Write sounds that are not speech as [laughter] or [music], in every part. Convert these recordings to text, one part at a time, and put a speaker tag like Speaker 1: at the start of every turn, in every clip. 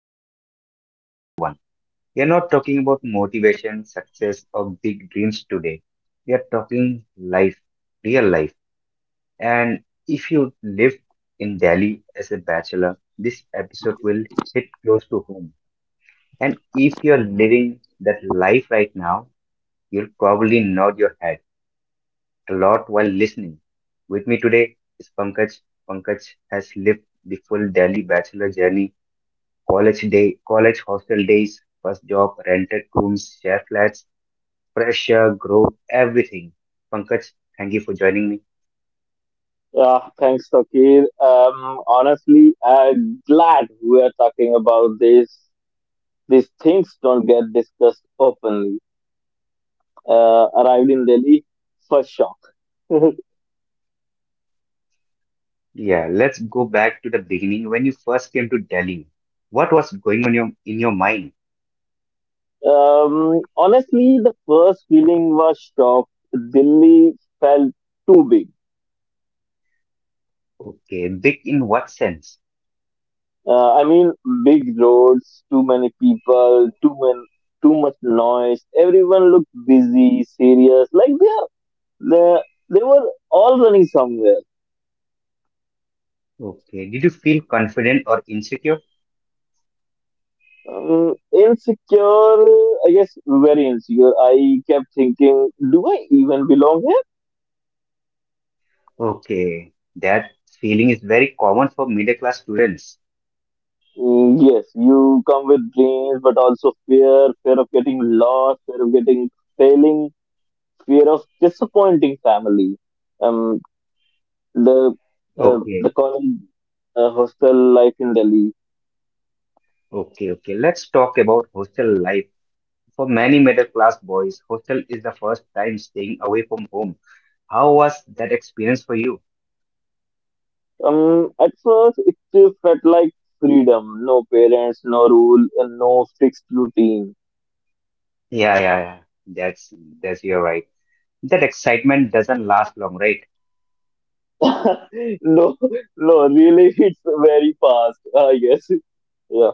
Speaker 1: is going to be a very real one. We are not talking about motivation, success, or big dreams today. We are talking life, real life. And if you live in Delhi as a bachelor, this episode will hit close to home. And if you're living that life right now, you'll probably nod your head a lot while listening. With me today is Pankaj. Pankaj has lived the full Delhi bachelor journey college day, college hostel days, first job, rented rooms, share flats, pressure, growth, everything. Pankaj, thank you for joining me.
Speaker 2: Yeah, thanks, Takir. Honestly, I'm glad we are talking about this. These things don't get discussed openly. Arrived in Delhi, first shock. [laughs] um,
Speaker 1: Yeah, let's go back to the beginning when you first came to Delhi. What was going on in your mind?
Speaker 2: Honestly, the first feeling was shock. Delhi felt too big.
Speaker 1: Okay, big in what sense?
Speaker 2: I mean, big roads, too many people, too much noise. Everyone looked busy, serious, like they they were all running somewhere.
Speaker 1: Okay, did you feel confident or insecure?
Speaker 2: Insecure, I guess, very insecure. I kept thinking, do I even belong here?
Speaker 1: Okay, that feeling is very common for middle class students.
Speaker 2: Mm, yes, you come with dreams, but also fear, fear of getting lost, fear of getting failing, fear of disappointing family. Um, the
Speaker 1: Okay,
Speaker 2: the college hostel life in Delhi.
Speaker 1: okay, okay. Let's talk about hostel life. For many middle class boys, hostel is the first time staying away from home. How was that experience for you?
Speaker 2: At first it felt like freedom, no parents, no rule, and no fixed routine.
Speaker 1: Yeah, yeah, yeah. That's that's you're right. That excitement doesn't last long, right?
Speaker 2: [laughs] No, no, really, it's very fast. Yes, yeah.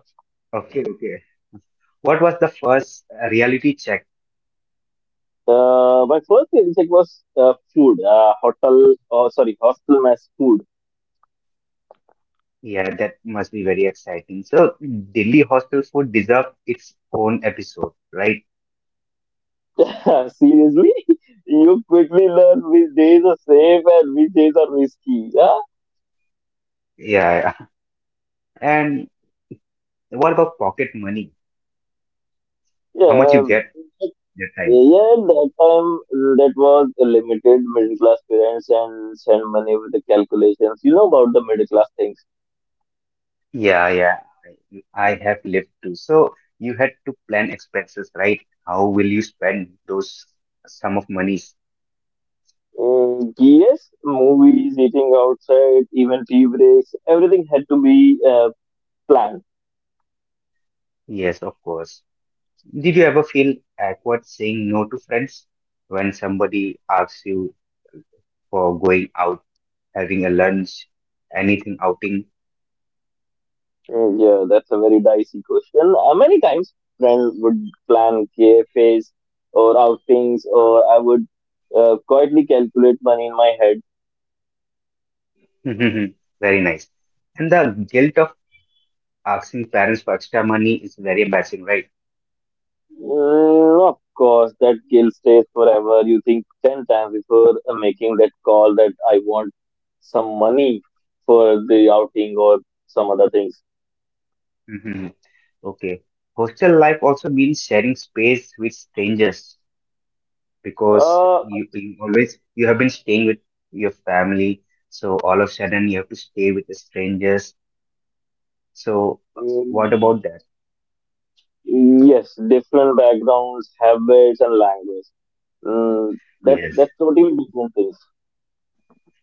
Speaker 1: Okay, okay. What was the first reality check?
Speaker 2: My first meal check was food, hostel mess food.
Speaker 1: Yeah, that must be very exciting. So Delhi hostel food deserves its own episode, right?
Speaker 2: [laughs] Seriously, you quickly learn which days are safe and which days are risky. Yeah,
Speaker 1: Yeah, yeah. [laughs] And what about pocket money? How much you
Speaker 2: yeah,
Speaker 1: get that
Speaker 2: yeah.
Speaker 1: time?
Speaker 2: That time, mm, that was a limited middle class parents and send money with the calculations. You know about the middle class things.
Speaker 1: Yeah, yeah, I have lived too. So you had to plan expenses, right? How will you spend those sum of monies?
Speaker 2: Mm, yes, movies, eating outside, even tea breaks, everything had to be planned.
Speaker 1: Yes, of course. Did you ever feel awkward saying no to friends when somebody asks you for going out, having a lunch, anything outing?
Speaker 2: Mm, yeah, that's a very dicey question. Many times, friends would plan cafes or outings, or I would quietly calculate money in my head.
Speaker 1: [laughs] Very nice. And the guilt of asking parents for extra money is very embarrassing, right? [laughs]
Speaker 2: Mm, of course, that guilt stays forever. You think 10 times before making that call that I want some money for the outing or some other things.
Speaker 1: Mhm. Okay. Hostel life also means sharing space with strangers. Because
Speaker 2: Uh,
Speaker 1: you always you have been staying with your family, so all of a sudden you have to stay with the strangers. So what
Speaker 2: mm,
Speaker 1: about that?
Speaker 2: Yes, different backgrounds, habits, and language. Mm, that
Speaker 1: Yes,
Speaker 2: that's totally different things.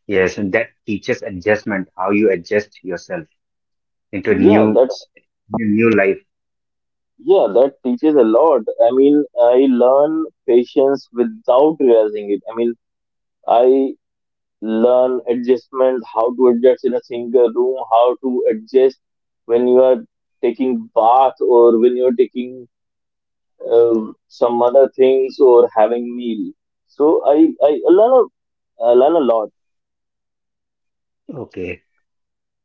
Speaker 1: yes, and that teaches adjustment how you adjust yourself into a
Speaker 2: Yeah,
Speaker 1: new
Speaker 2: that
Speaker 1: s- new new life.
Speaker 2: yeah, that teaches a lot. I mean, I learn patience without realizing it. I mean, I learn adjustment, how to adjust in a single room, how to adjust when you are taking bath or when you are taking some other things or having meal. So I learn I learn a lot.
Speaker 1: Okay,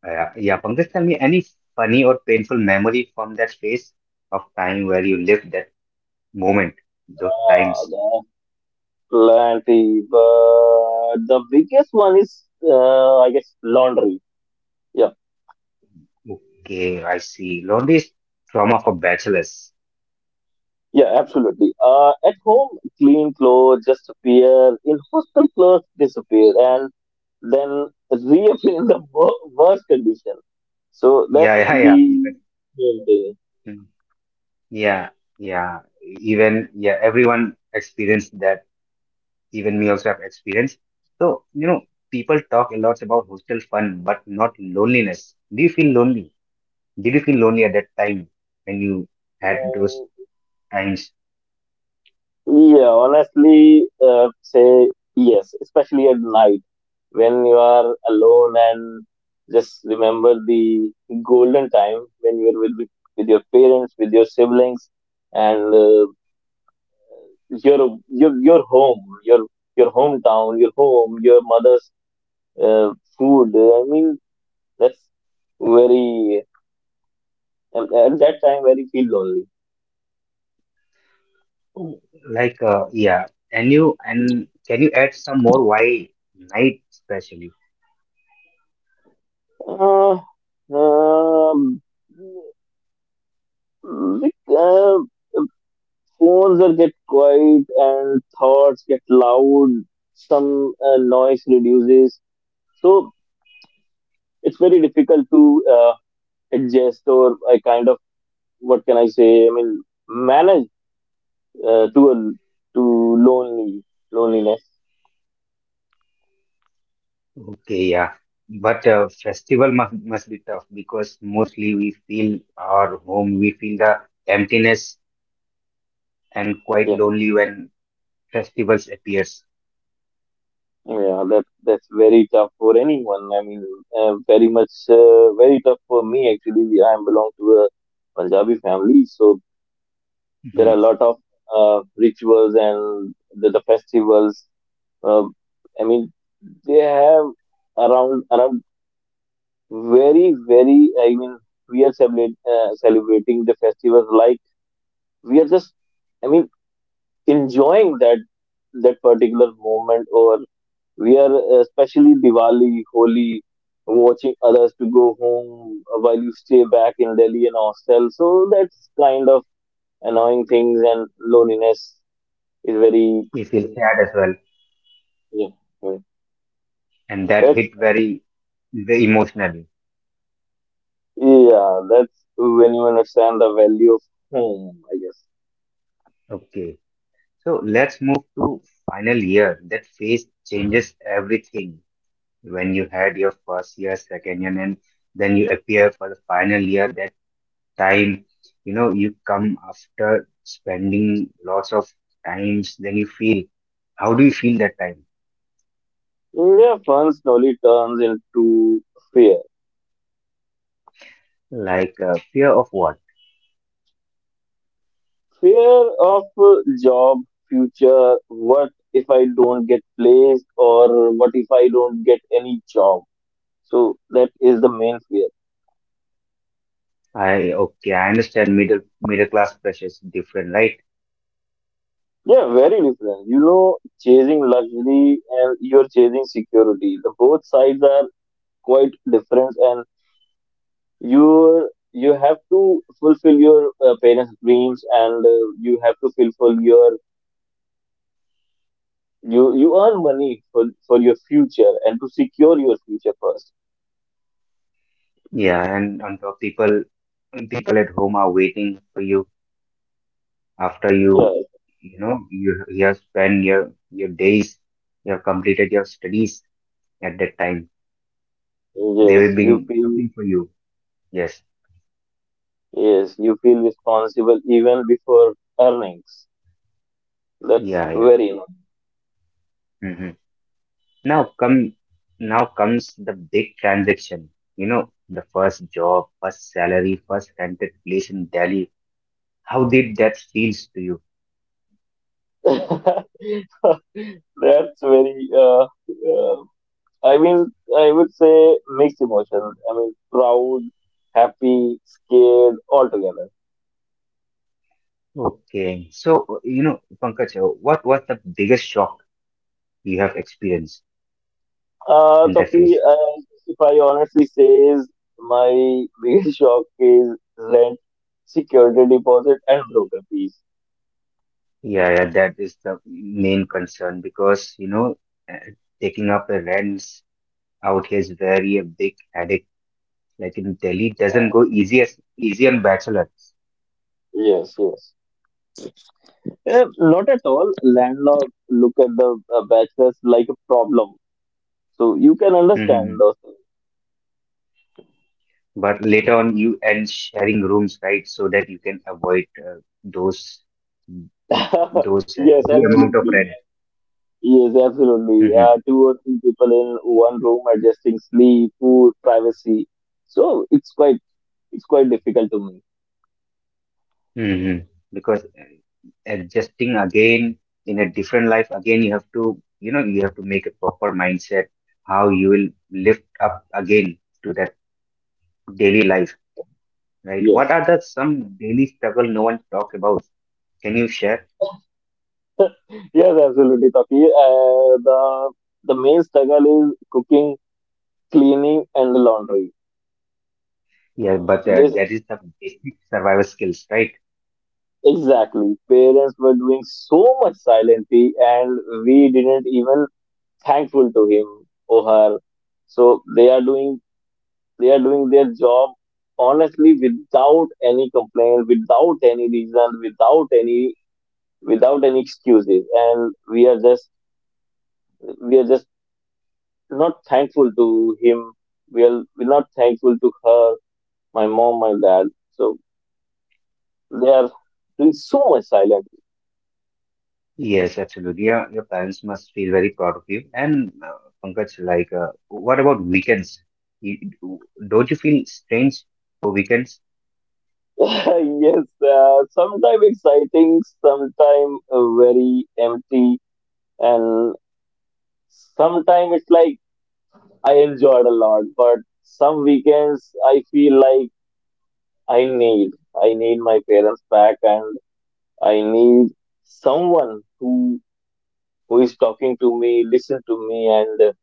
Speaker 1: yeah, Pankaj, tell me any funny or painful memory from that phase of time where you lived that moment, those times.
Speaker 2: Ah, plenty, but the biggest one is, I guess, laundry. Yeah,
Speaker 1: Okay, I see lonely is trauma for bachelors.
Speaker 2: yeah, absolutely. At home, clean clothes just appear. In hostel, clothes disappear and then reappear in the worst condition. So that's
Speaker 1: Yeah. [laughs]
Speaker 2: the
Speaker 1: Yeah, yeah, Pankaj.
Speaker 2: main
Speaker 1: Hmm. Yeah, yeah. Even yeah, everyone experienced that. Even me also have experienced. So, you know, people talk a lot about hostel fun, but not loneliness. Do you feel lonely? Did you feel lonely at that time when you had those
Speaker 2: thing.
Speaker 1: times?
Speaker 2: Yeah, honestly, say yes, especially at night when you are alone and just remember the golden time when you were with your parents, with your siblings, and your home, your hometown, your home, your mother's uh, food. I mean, that's very at that time very feel lonely.
Speaker 1: Oh, like, yeah. And you and can you add some more? Why night especially?
Speaker 2: Uh, um, like, uh, Phones will get quiet and thoughts get loud. Some noise reduces. So it's very difficult to adjust or I kind of what can I say? I mean manage uh, to a, to lonely loneliness.
Speaker 1: Okay, yeah. But festival must be tough because mostly we feel our home, we feel the emptiness and quite
Speaker 2: Yeah,
Speaker 1: lonely when festivals appears.
Speaker 2: that's very tough for anyone. I mean, very much very tough for me actually. I belong to a Punjabi family, so there are
Speaker 1: Mhm.
Speaker 2: a lot of rituals and the festivals. Um, I mean, they have around very. I mean, celebrating the festivals like we are just. I mean, enjoying that particular moment, or we are especially Diwali, Holi, watching others to go home while you stay back in Delhi and hostel. So that's kind of annoying things and loneliness is very.
Speaker 1: We feel sad as well,
Speaker 2: Yeah, yeah.
Speaker 1: and that
Speaker 2: that's
Speaker 1: hit very, very emotionally.
Speaker 2: Yeah, that's when you understand the value of home, I guess.
Speaker 1: Okay, so let's move to final year. That phase changes everything. When you had your first year, second year, and then you appear for the final year. That time, you know, you come after spending lots of times. Then you feel. How do you feel that time?
Speaker 2: Where fun slowly turns into fear.
Speaker 1: Like fear of what?
Speaker 2: Fear of job, future, what if I don't get placed or what if I don't get any job? So that is the main fear.
Speaker 1: I okay, I understand middle class pressure is different, right?
Speaker 2: Yeah, very different. You know, chasing luxury and you're chasing security. The both sides are quite different and you have to fulfill your parents' dreams, and you have to fulfill your you earn money for your future and to secure your future first.
Speaker 1: Yeah, and on top people at home are waiting for you after you
Speaker 2: Yes,
Speaker 1: you know you you have spent your days, you have completed your studies at that time. They will
Speaker 2: yes, you
Speaker 1: be
Speaker 2: feel
Speaker 1: looking for you. Yes.
Speaker 2: yes, you feel responsible even before earnings. That's
Speaker 1: Yeah, yeah.
Speaker 2: very annoying.
Speaker 1: hmm Now come now comes the big transaction. You know, the first job, first salary, first rented place in Delhi. How did that feels to you?
Speaker 2: [laughs] That's very I mean I would say mixed emotion. I mean proud, happy, scared, all together.
Speaker 1: Okay. So, you know, Pankaj, what was the biggest shock you have experienced in that
Speaker 2: Toki,
Speaker 1: phase?
Speaker 2: if I honestly says my biggest [laughs] shock is rent, security deposit, and broker fees.
Speaker 1: Yeah, yeah, that is the main concern because, you know, uh, taking up the rents out here is very a big headache. Like in Delhi, it doesn't go easy as easy on bachelor.
Speaker 2: Yes, yes. Eh, not at all. Landlord look at the bachelors like a problem, so you can understand
Speaker 1: hmm
Speaker 2: those things.
Speaker 1: But later on, you end sharing rooms, right? So that you can avoid those mm,
Speaker 2: [laughs]
Speaker 1: those
Speaker 2: Yes,
Speaker 1: heavy amount of
Speaker 2: absolutely.
Speaker 1: rent.
Speaker 2: Yes, absolutely. Two or three people in one room adjusting sleep, food, privacy. So it's quite difficult to
Speaker 1: hmm Because adjusting again in a different life, again, you have to make a proper mindset how you will lift up again to that daily life, right?
Speaker 2: me.
Speaker 1: What are the some daily struggle no one talk about? Can you share?
Speaker 2: Yes, absolutely, Tapi. The main struggle is cooking, cleaning, and the laundry.
Speaker 1: Yeah, but
Speaker 2: This
Speaker 1: that is the basic survival skills, right?
Speaker 2: exactly. Parents were doing so much silently, and we didn't even thankful to him or her. So they are doing their job honestly without any complaint, without any reason, without any excuses, and we are just not thankful to him. We're not thankful to her, my mom, my dad. So they are doing so much silent.
Speaker 1: Yes, absolutely. Your parents must feel very proud of you. And Pankaj, like, what about weekends? You, don't you feel strange for weekends?
Speaker 2: [laughs] Yes, sometimes exciting, sometimes very empty, and sometimes it's like I enjoyed a lot. But some weekends I feel like I need my parents back, and I need someone who is talking to me, listen to me, and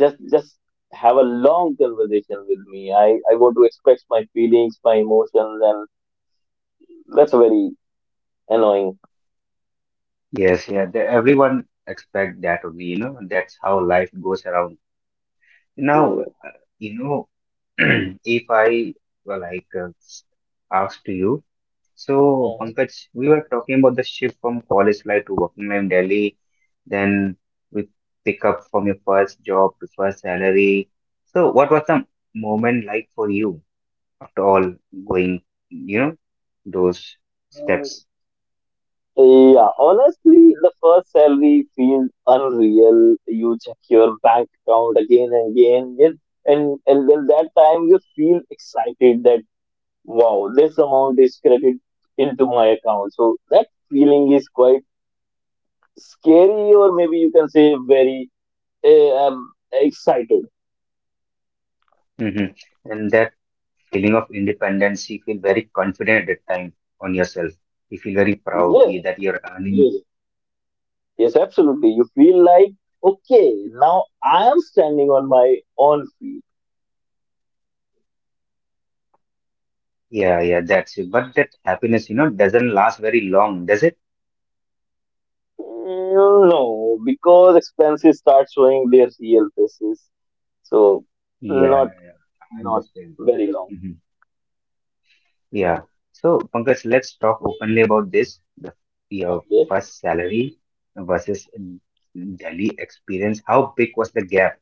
Speaker 2: just have a long conversation with me. I want to express my feelings, my emotions, and that's very annoying,
Speaker 1: Yes, yeah, everyone expect that of me, you know, that's how life goes around. Now,
Speaker 2: yeah.
Speaker 1: you know, [clears throat] if I were like asked to you, so
Speaker 2: Mhm.
Speaker 1: Pankaj, we were talking about the shift from college life to working life in Delhi, then we pick up from your first job to first salary. So, what was the moment like for you after all going, you know, those
Speaker 2: Uh,
Speaker 1: steps?
Speaker 2: yeah, honestly, the first salary feels unreal. You check your bank account again and again, yes, and then that time you feel excited that wow, this amount is credited into my account. So that feeling is quite scary, or maybe you can say very excited.
Speaker 1: hmm And that feeling of independence, you feel very confident at that time on yourself. You feel very proud
Speaker 2: Yes,
Speaker 1: that you're earning.
Speaker 2: yes, yes, absolutely. You feel like, okay, now I am standing on my own feet.
Speaker 1: Yeah, yeah, that's it. But that happiness, you know, doesn't last very long, does it?
Speaker 2: Mm, no, because expenses start showing their real faces. So
Speaker 1: Yeah,
Speaker 2: not
Speaker 1: yeah, yeah. I
Speaker 2: not
Speaker 1: understand.
Speaker 2: very long.
Speaker 1: hmm Yeah. So, Pankaj, let's talk openly about this. Your
Speaker 2: Okay.
Speaker 1: first salary versus Delhi experience. How big was the gap?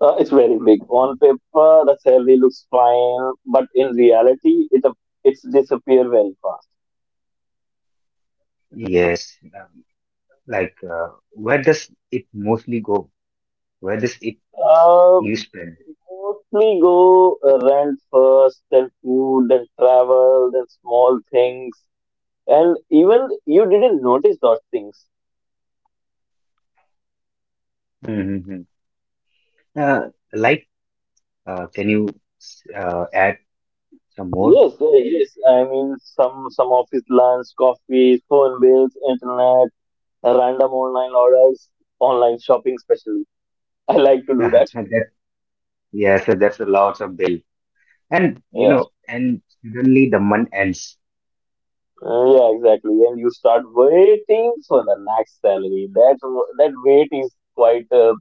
Speaker 2: It's very big. On paper, the salary looks fine, but in reality, it's disappear very fast.
Speaker 1: Yes. Like, where does it mostly go? Where does it
Speaker 2: Uh,
Speaker 1: you spend?
Speaker 2: mostly go rent first, then food, then travel, then small things. And even you didn't notice those things.
Speaker 1: Mm-hmm. Uh, like, can you add some more?
Speaker 2: Yes, yes. I mean, some office lunch, coffee, phone bills, internet, random online orders, online shopping, especially. [laughs] I like to do that.
Speaker 1: [laughs] That, yes, that's a lot of bill. And
Speaker 2: Yeah,
Speaker 1: suddenly the month ends.
Speaker 2: Yeah, exactly. And you start waiting for the next salary. That wait is quite uh,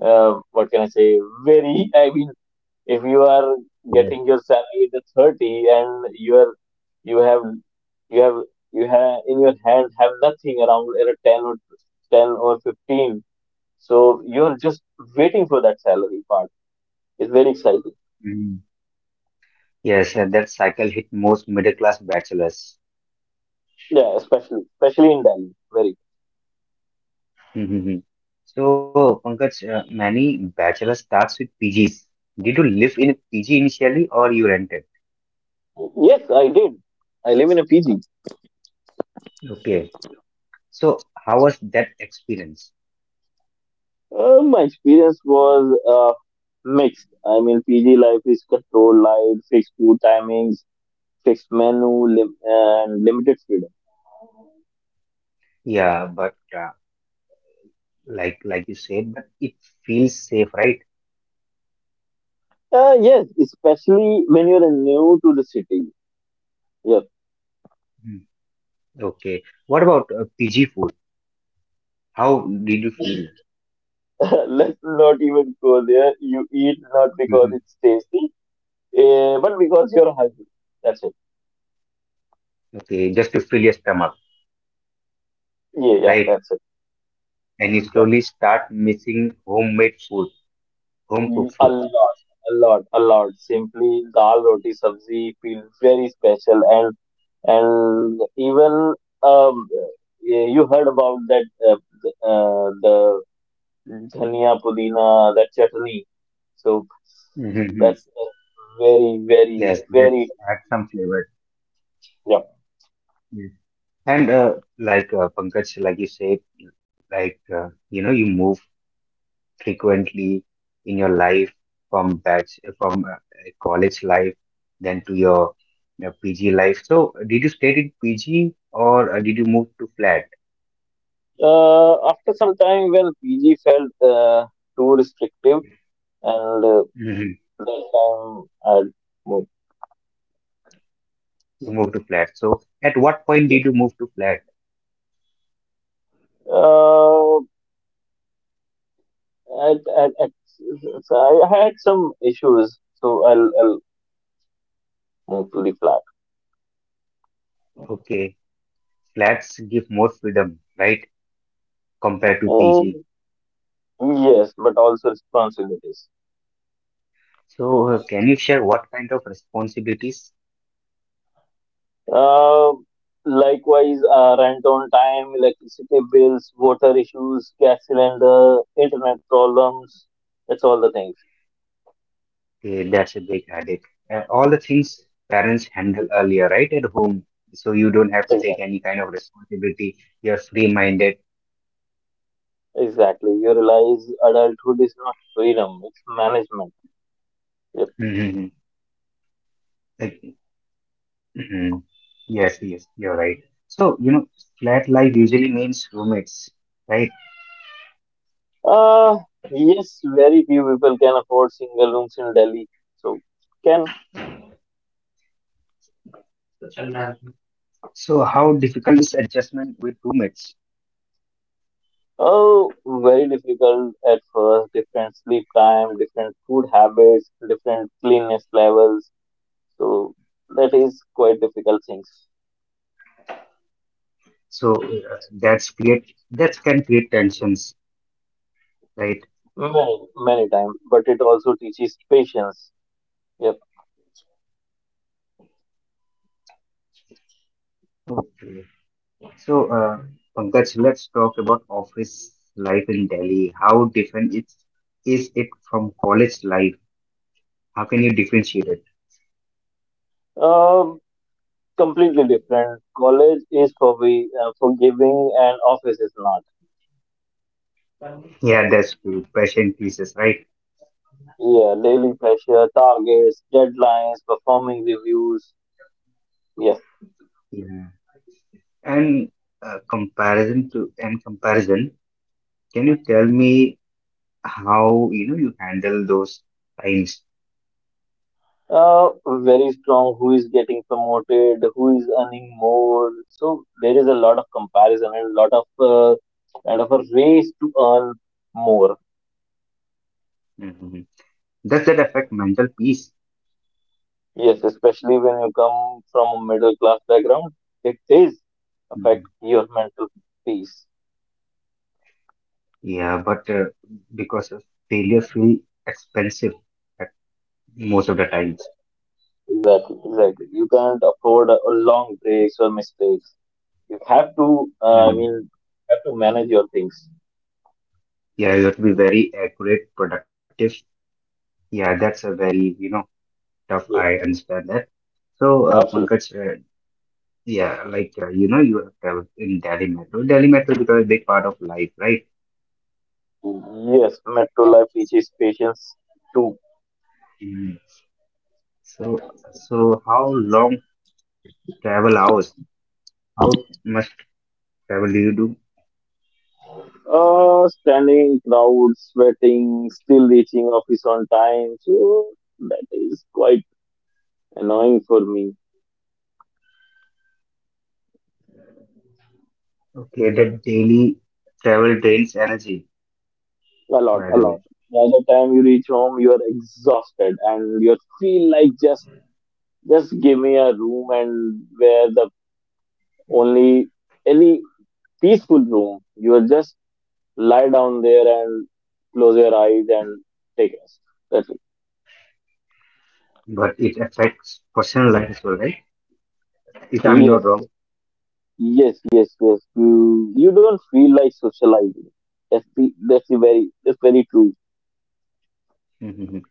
Speaker 2: uh, what can I say? Very. [laughs] I mean, if you are
Speaker 1: Yes.
Speaker 2: getting your salary at the 30 and you are you have you have you have in your hand have nothing around at 10 or 10 or 15, so you're just waiting for that salary part, it's very exciting,
Speaker 1: Mm. Yes, and that cycle hit most middle class bachelors.
Speaker 2: yeah, especially in Delhi very.
Speaker 1: Mhm. So, Pankaj, many bachelors starts with PGs. Did you live in a PG initially or you rented?
Speaker 2: Yes, I did. I live in a PG.
Speaker 1: Okay. So, how was that experience?
Speaker 2: Uh, my experience was mixed. I mean, PG life is controlled life, fixed food timings, fixed menu, and limited freedom.
Speaker 1: Yeah, but like you said, but it feels safe, right?
Speaker 2: Yes, especially when you're new to the city. Yep.
Speaker 1: Hmm. Okay. What about PG food? How did you feel?
Speaker 2: [laughs] Let's not even go there. You eat not because
Speaker 1: hmm
Speaker 2: it's tasty, but because you're hungry. That's it.
Speaker 1: Okay, just to fill your stomach,
Speaker 2: Yeah, yeah,
Speaker 1: right?
Speaker 2: that's it.
Speaker 1: And you
Speaker 2: Yeah.
Speaker 1: slowly start missing homemade food, home
Speaker 2: Mm,
Speaker 1: cooked
Speaker 2: a
Speaker 1: food.
Speaker 2: lot, a lot. Simply dal roti sabzi feel very special and even um, yeah, you heard about that the dhania, pudina, that chutney. So
Speaker 1: hmm
Speaker 2: that's very, very,
Speaker 1: Yes, us
Speaker 2: very.
Speaker 1: add some flavor.
Speaker 2: Yeah.
Speaker 1: Yes. And like Pankaj, like you said, like you know, you move frequently in your life from college life, then to your PG life. So, did you stay in PG or did you move to flat?
Speaker 2: After some time, when PG felt too restrictive, and that time I moved.
Speaker 1: You moved to flat. So at what point
Speaker 2: Yeah.
Speaker 1: did you move to flat?
Speaker 2: Uh, at, at, at, so I had some issues, so I'll move to the flat.
Speaker 1: Okay, flats give more freedom, right, compared to PG.
Speaker 2: Mm, yes, but also responsibilities.
Speaker 1: So can you share what kind of responsibilities?
Speaker 2: Uh, likewise, rent on time, electricity bills, water issues, gas cylinder, internet problems. That's all the things.
Speaker 1: Okay, that's a big headache. All the things parents handle earlier, right, at home. So you don't have to
Speaker 2: Exactly.
Speaker 1: take any kind of responsibility. You're free-minded.
Speaker 2: Exactly. You realize adulthood is not freedom, it's management. Yep.
Speaker 1: Mm-hmm. Like, mhm. Yes, yes, you're right. So, you know, flat life usually means roommates, right?
Speaker 2: Uh, yes, very few people can afford single rooms in Delhi. So, can,
Speaker 1: So, how difficult is adjustment with roommates?
Speaker 2: oh, very difficult at first. Different sleep time, different food habits, different cleanliness levels. So, that is quite difficult things.
Speaker 1: So that can create tensions, right?
Speaker 2: Many, many times, but it also teaches patience. Yep.
Speaker 1: Okay. So Pankaj, let's talk about office life in Delhi. How different it is it from college life? How can you differentiate it?
Speaker 2: Um, Completely different. College is forgiving and office is not.
Speaker 1: Yeah, that's true. Passion pieces, right?
Speaker 2: Yeah, daily pressure, targets, deadlines, performing reviews. Yes.
Speaker 1: Yeah. And comparison to and comparison. Can you tell me how you handle those times?
Speaker 2: Very strong. Who is getting promoted? Who is earning more? So there is a lot of comparison and a lot of kind of a race to earn more.
Speaker 1: Mhm. Does that affect mental peace?
Speaker 2: Yes, especially when you come from a middle class background, it is affect your mental peace.
Speaker 1: Yeah, but because of failure feel expensive at most of the times.
Speaker 2: Exactly, exactly. You can't afford a long breaks or mistakes. You have to, I
Speaker 1: Mhm.
Speaker 2: mean, have to manage your things.
Speaker 1: Yeah, you have to be very accurate, productive. Yeah, that's a very tough.
Speaker 2: Yeah,
Speaker 1: I understand that. So,
Speaker 2: absolutely.
Speaker 1: Pankaj, yeah, like, you know, you have traveled in Delhi Metro. Delhi Metro become a big part of life, right?
Speaker 2: Yes, metro life teaches patience too.
Speaker 1: Mhm. So, how long travel hours? How much travel do you do?
Speaker 2: Standing in crowds, sweating, still reaching office on time. So that is quite annoying for me.
Speaker 1: Okay, that daily travel drains energy,
Speaker 2: A lot,
Speaker 1: by
Speaker 2: a
Speaker 1: the way.
Speaker 2: lot. By the time you reach home, you are exhausted and you feel like just give me a room and where the only any peaceful room. You will just lie down there and close your eyes and take rest. That's it.
Speaker 1: But it affects personal life as well, right? If I'm
Speaker 2: Yes,
Speaker 1: not wrong.
Speaker 2: yes, yes, yes. You don't feel like socializing. That's the very that's very true.
Speaker 1: Mhm.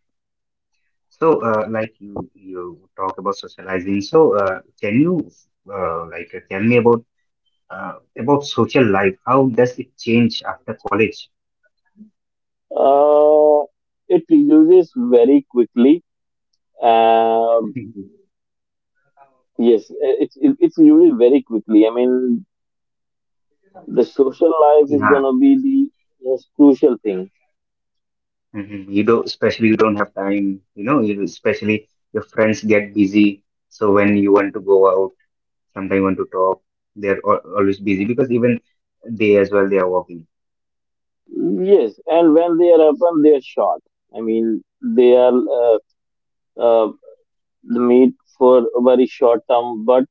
Speaker 1: So, like you talk about socializing. So, can you like tell me about social life? How does it change after college? [laughs]
Speaker 2: Uh, it reduces very quickly. Um
Speaker 1: Mhm.
Speaker 2: Yes, it's really very quickly. I mean, the social life is
Speaker 1: Yeah,
Speaker 2: gonna be the most crucial thing.
Speaker 1: Mhm. You don't, Especially you don't have time. You know, you especially your friends get busy. So when you want to go out, sometimes you want to talk, they're al always busy because even they as well they are working.
Speaker 2: Yes, and when they are open, they are short. I mean, they are uh, the meat for a very short term, but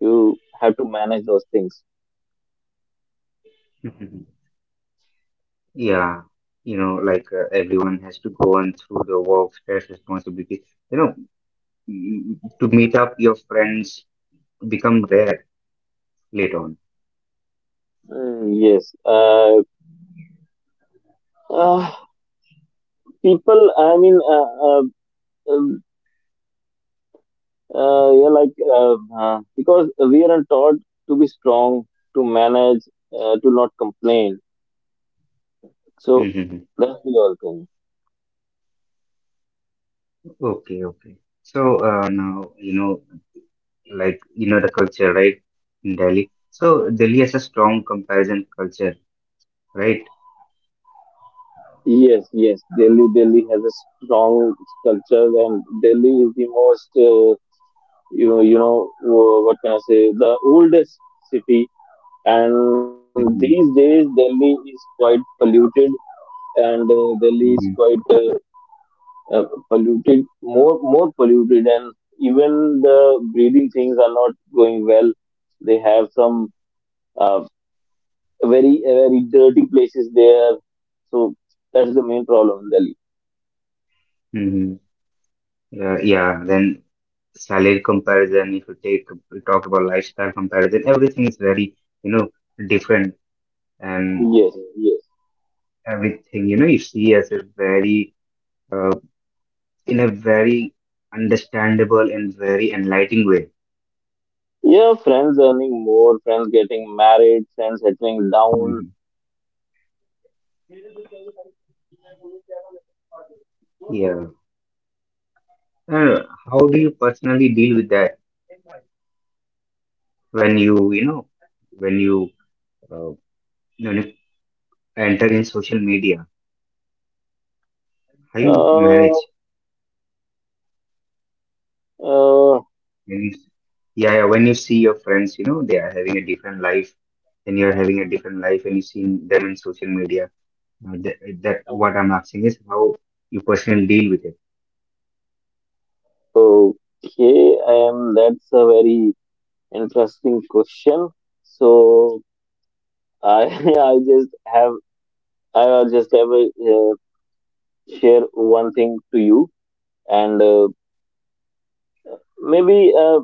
Speaker 2: you have to manage those things.
Speaker 1: [laughs] Yeah, you know, like everyone has to go on through the work stress responsibility. You know, to meet up your friends become rare later on.
Speaker 2: Mm, yes, uh, people. I mean, uh, um, yeah, like because we are taught to be strong, to manage, to not complain. So
Speaker 1: hmm
Speaker 2: that's the all thing.
Speaker 1: Okay, okay. So now you know, like you know the culture, right, in Delhi. So Delhi has a strong comparison culture, right?
Speaker 2: Yes, yes. Delhi has a strong culture, and Delhi is the most, you know, what can I say, the oldest city. And these
Speaker 1: Hmm.
Speaker 2: days, Delhi is quite polluted, and Delhi is
Speaker 1: Hmm.
Speaker 2: quite uh, polluted, more polluted, and even the breathing things are not going well. They have some. uh, very dirty places there. So that's the main problem in Delhi.
Speaker 1: Hmm. Yeah, yeah. Then salary comparison. If you take, we talk about lifestyle comparison. Everything is very, you know, different and
Speaker 2: Yes, yes.
Speaker 1: everything. You know, you see as a uh, in a very understandable and very enlightening way.
Speaker 2: Yeah, friends earning more, friends getting married, friends settling down.
Speaker 1: Mhm. Yeah. Uh, how do you personally deal with that when you know, when you, when you know, enter in social media? How you
Speaker 2: Uh,
Speaker 1: manage?
Speaker 2: uh,
Speaker 1: When you, yeah, when you see your friends, you know, they are having a different life and you're having a different life and you see them in social media. Uh, that, that what I'm asking is how you personally deal with it.
Speaker 2: okay, that's a very interesting question. So I [laughs] I just have I will just have a, share one thing to you, and maybe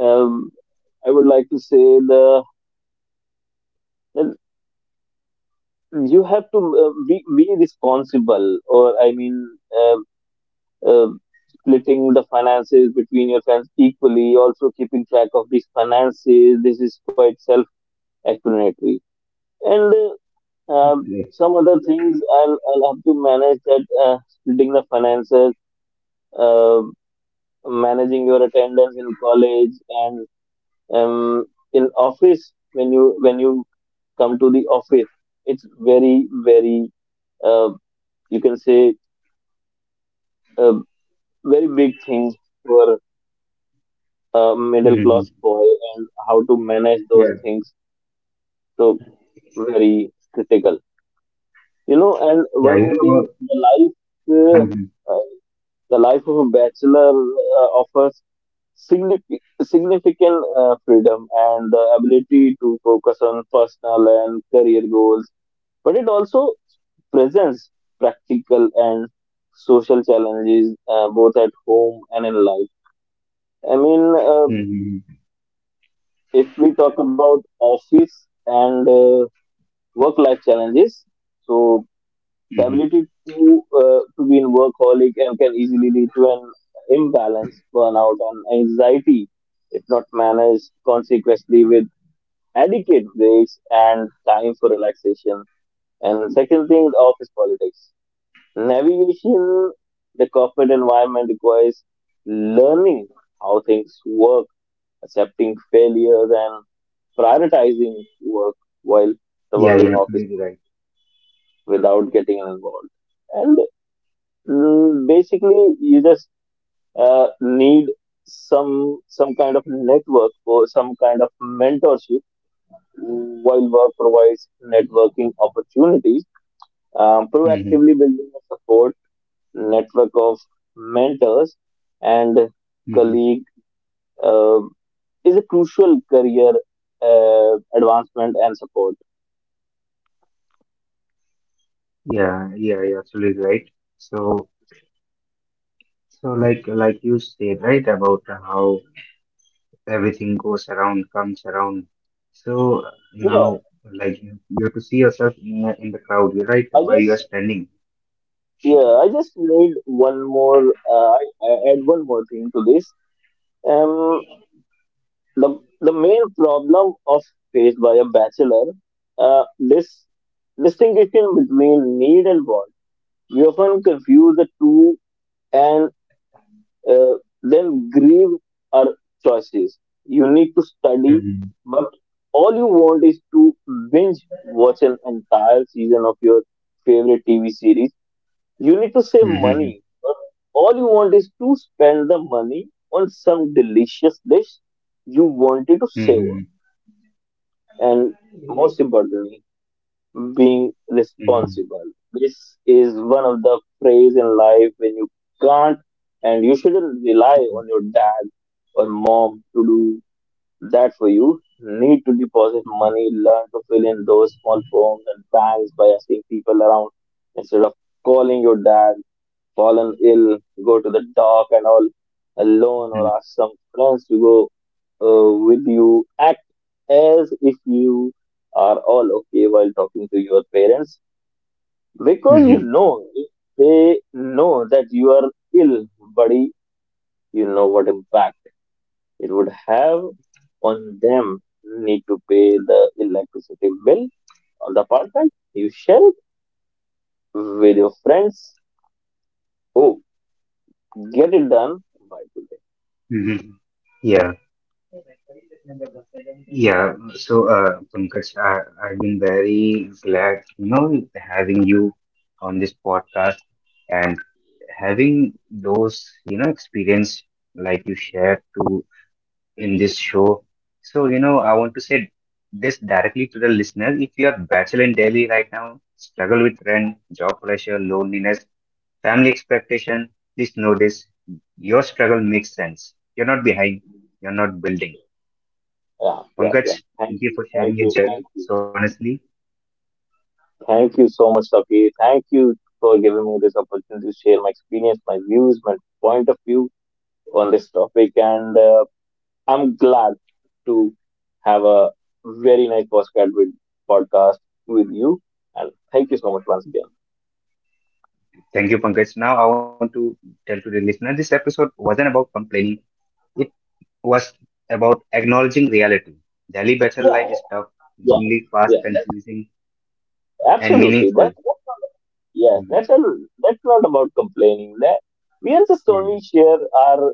Speaker 2: um, I would like to say the that you have to be responsible, or I mean, um um splitting the finances between your friends equally, also keeping track of these finances. This is quite self explanatory. And some other things I'll have to manage that, splitting the finances, uh, managing your attendance in college and um, in office when you come to the office. It's very very, uh, you can say, a very big thing for a middle
Speaker 1: Yeah.
Speaker 2: class boy, and how to manage those
Speaker 1: Yeah,
Speaker 2: things. So very critical, you know. And
Speaker 1: yeah,
Speaker 2: one
Speaker 1: you
Speaker 2: more
Speaker 1: know
Speaker 2: thing,
Speaker 1: about.
Speaker 2: the life uh,
Speaker 1: Mm-hmm,
Speaker 2: uh, the life of a bachelor offers significant significant freedom and the ability to focus on personal and career goals, but it also presents practical and social challenges both at home and in life. I mean,
Speaker 1: mm-hmm,
Speaker 2: if we talk about office and work life challenges, so the
Speaker 1: mm-hmm.
Speaker 2: ability to be in workaholic and can easily lead to an imbalance, burnout, and anxiety if not managed consequently with adequate breaks and time for relaxation. And second thing, the office politics navigation, the corporate environment requires learning how things work, accepting failures, and prioritizing work while
Speaker 1: Yeah,
Speaker 2: surviving
Speaker 1: you're
Speaker 2: office
Speaker 1: absolutely right.
Speaker 2: without getting involved. And mm, basically, you just need some kind of network or some kind of mentorship, while work provides networking opportunities.
Speaker 1: Mm-hmm,
Speaker 2: Proactively building a support network of mentors and
Speaker 1: mm-hmm.
Speaker 2: colleague uh, is a crucial career advancement and support.
Speaker 1: Yeah, yeah, you're absolutely right. So, like you said, right, about how everything goes around, comes around. So
Speaker 2: Yeah,
Speaker 1: now, like you have to see yourself in the crowd, you're right,
Speaker 2: I
Speaker 1: where you are
Speaker 2: just
Speaker 1: standing.
Speaker 2: yeah, I just need one more. I add one more thing to this. Um, the main problem of faced by a bachelor, this distinction between need and want. We often confuse the two and uh, then grieve our choices. You need to study,
Speaker 1: Mm-hmm,
Speaker 2: but all you want is to binge watch an entire season of your favorite TV series. You need to save
Speaker 1: mm-hmm,
Speaker 2: money. But all you want is to spend the money on some delicious dish you wanted to savor.
Speaker 1: mm-hmm,
Speaker 2: And most importantly, being
Speaker 1: mm-hmm,
Speaker 2: responsible. This is one of the phase in life when you can't and you shouldn't rely on your dad or mom to do that for you. Need to deposit money, learn to fill in those small forms and banks by asking people around instead of calling your dad fallen ill, go to the dock and all alone,
Speaker 1: mm-hmm, mm-hmm,
Speaker 2: or ask some friends to go with you. Act as if you are all okay while talking to your parents, because you
Speaker 1: mm-hmm.
Speaker 2: know if they know that you are ill, buddy, you know what impact it would have on them. Need to pay the electricity bill of the apartment. You share it with your friends. Oh, get it done by today.
Speaker 1: Mm-hmm. Yeah. Yeah, so Pankaj, I've been very glad having you on this podcast and having those experience like you shared to in this show. So, I want to say this directly to the listener. If you are bachelor in Delhi right now, struggle with rent, job pressure, loneliness, family expectation, please know this. Your struggle makes sense. You're not behind, you're not building.
Speaker 2: Yeah, yeah,
Speaker 1: Pankaj,
Speaker 2: yeah. Thank
Speaker 1: thank you
Speaker 2: you,
Speaker 1: for
Speaker 2: thank
Speaker 1: sharing your
Speaker 2: you,
Speaker 1: journey.
Speaker 2: thank you.
Speaker 1: So honestly,
Speaker 2: Thank you so much, Sapir. Thank you for giving me this opportunity to share my experience, my views, my point of view on this topic. And I'm glad to have a very nice postcard with podcast with you. And thank you so much once again.
Speaker 1: thank you, Pankaj. Now I want to tell to the listener this episode wasn't about complaining. It was about acknowledging reality. Daily bachelor life
Speaker 2: Yeah,
Speaker 1: is tough,
Speaker 2: yeah,
Speaker 1: lonely, fast,
Speaker 2: yeah.
Speaker 1: confusing, and
Speaker 2: Absolutely.
Speaker 1: meaningful.
Speaker 2: That yes,
Speaker 1: Mhm.
Speaker 2: that's not about complaining. That we are just
Speaker 1: Yeah.
Speaker 2: only share our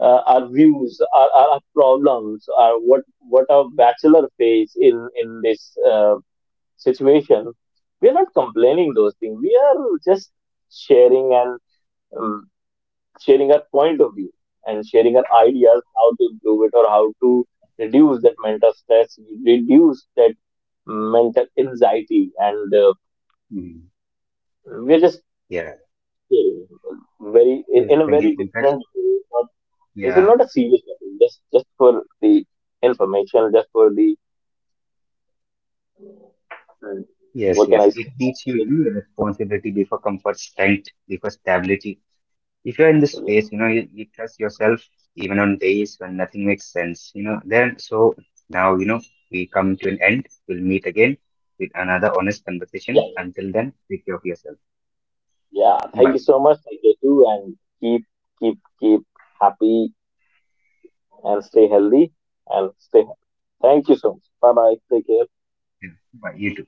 Speaker 2: our views, our problems, our what our bachelor face in this situation. We are not complaining those things. We are just sharing and um, sharing our point of view and sharing our ideas how to improve it or how to reduce that mental stress, reduce that mental anxiety, and
Speaker 1: Mhm.
Speaker 2: we are just
Speaker 1: Yeah.
Speaker 2: sharing very
Speaker 1: Yes.
Speaker 2: in a
Speaker 1: Thank you,
Speaker 2: very
Speaker 1: Pankaj.
Speaker 2: different way. This is
Speaker 1: Yeah.
Speaker 2: not a serious topic. Just for the information, just for the mm,
Speaker 1: Yes.
Speaker 2: what can I
Speaker 1: Yes. It
Speaker 2: say?
Speaker 1: teaches you responsibility before comfort, strength before stability, if you're in this space, you trust yourself even on days when nothing makes sense. Then, so now we come to an end. We'll meet again with another honest
Speaker 2: Yeah,
Speaker 1: conversation. Until then, take care of yourself.
Speaker 2: yeah. Thank
Speaker 1: Bye.
Speaker 2: you so much. Thank you too, and keep keep happy and stay healthy and stay happy. Thank you so much. Bye bye. Take care.
Speaker 1: Bye. You too.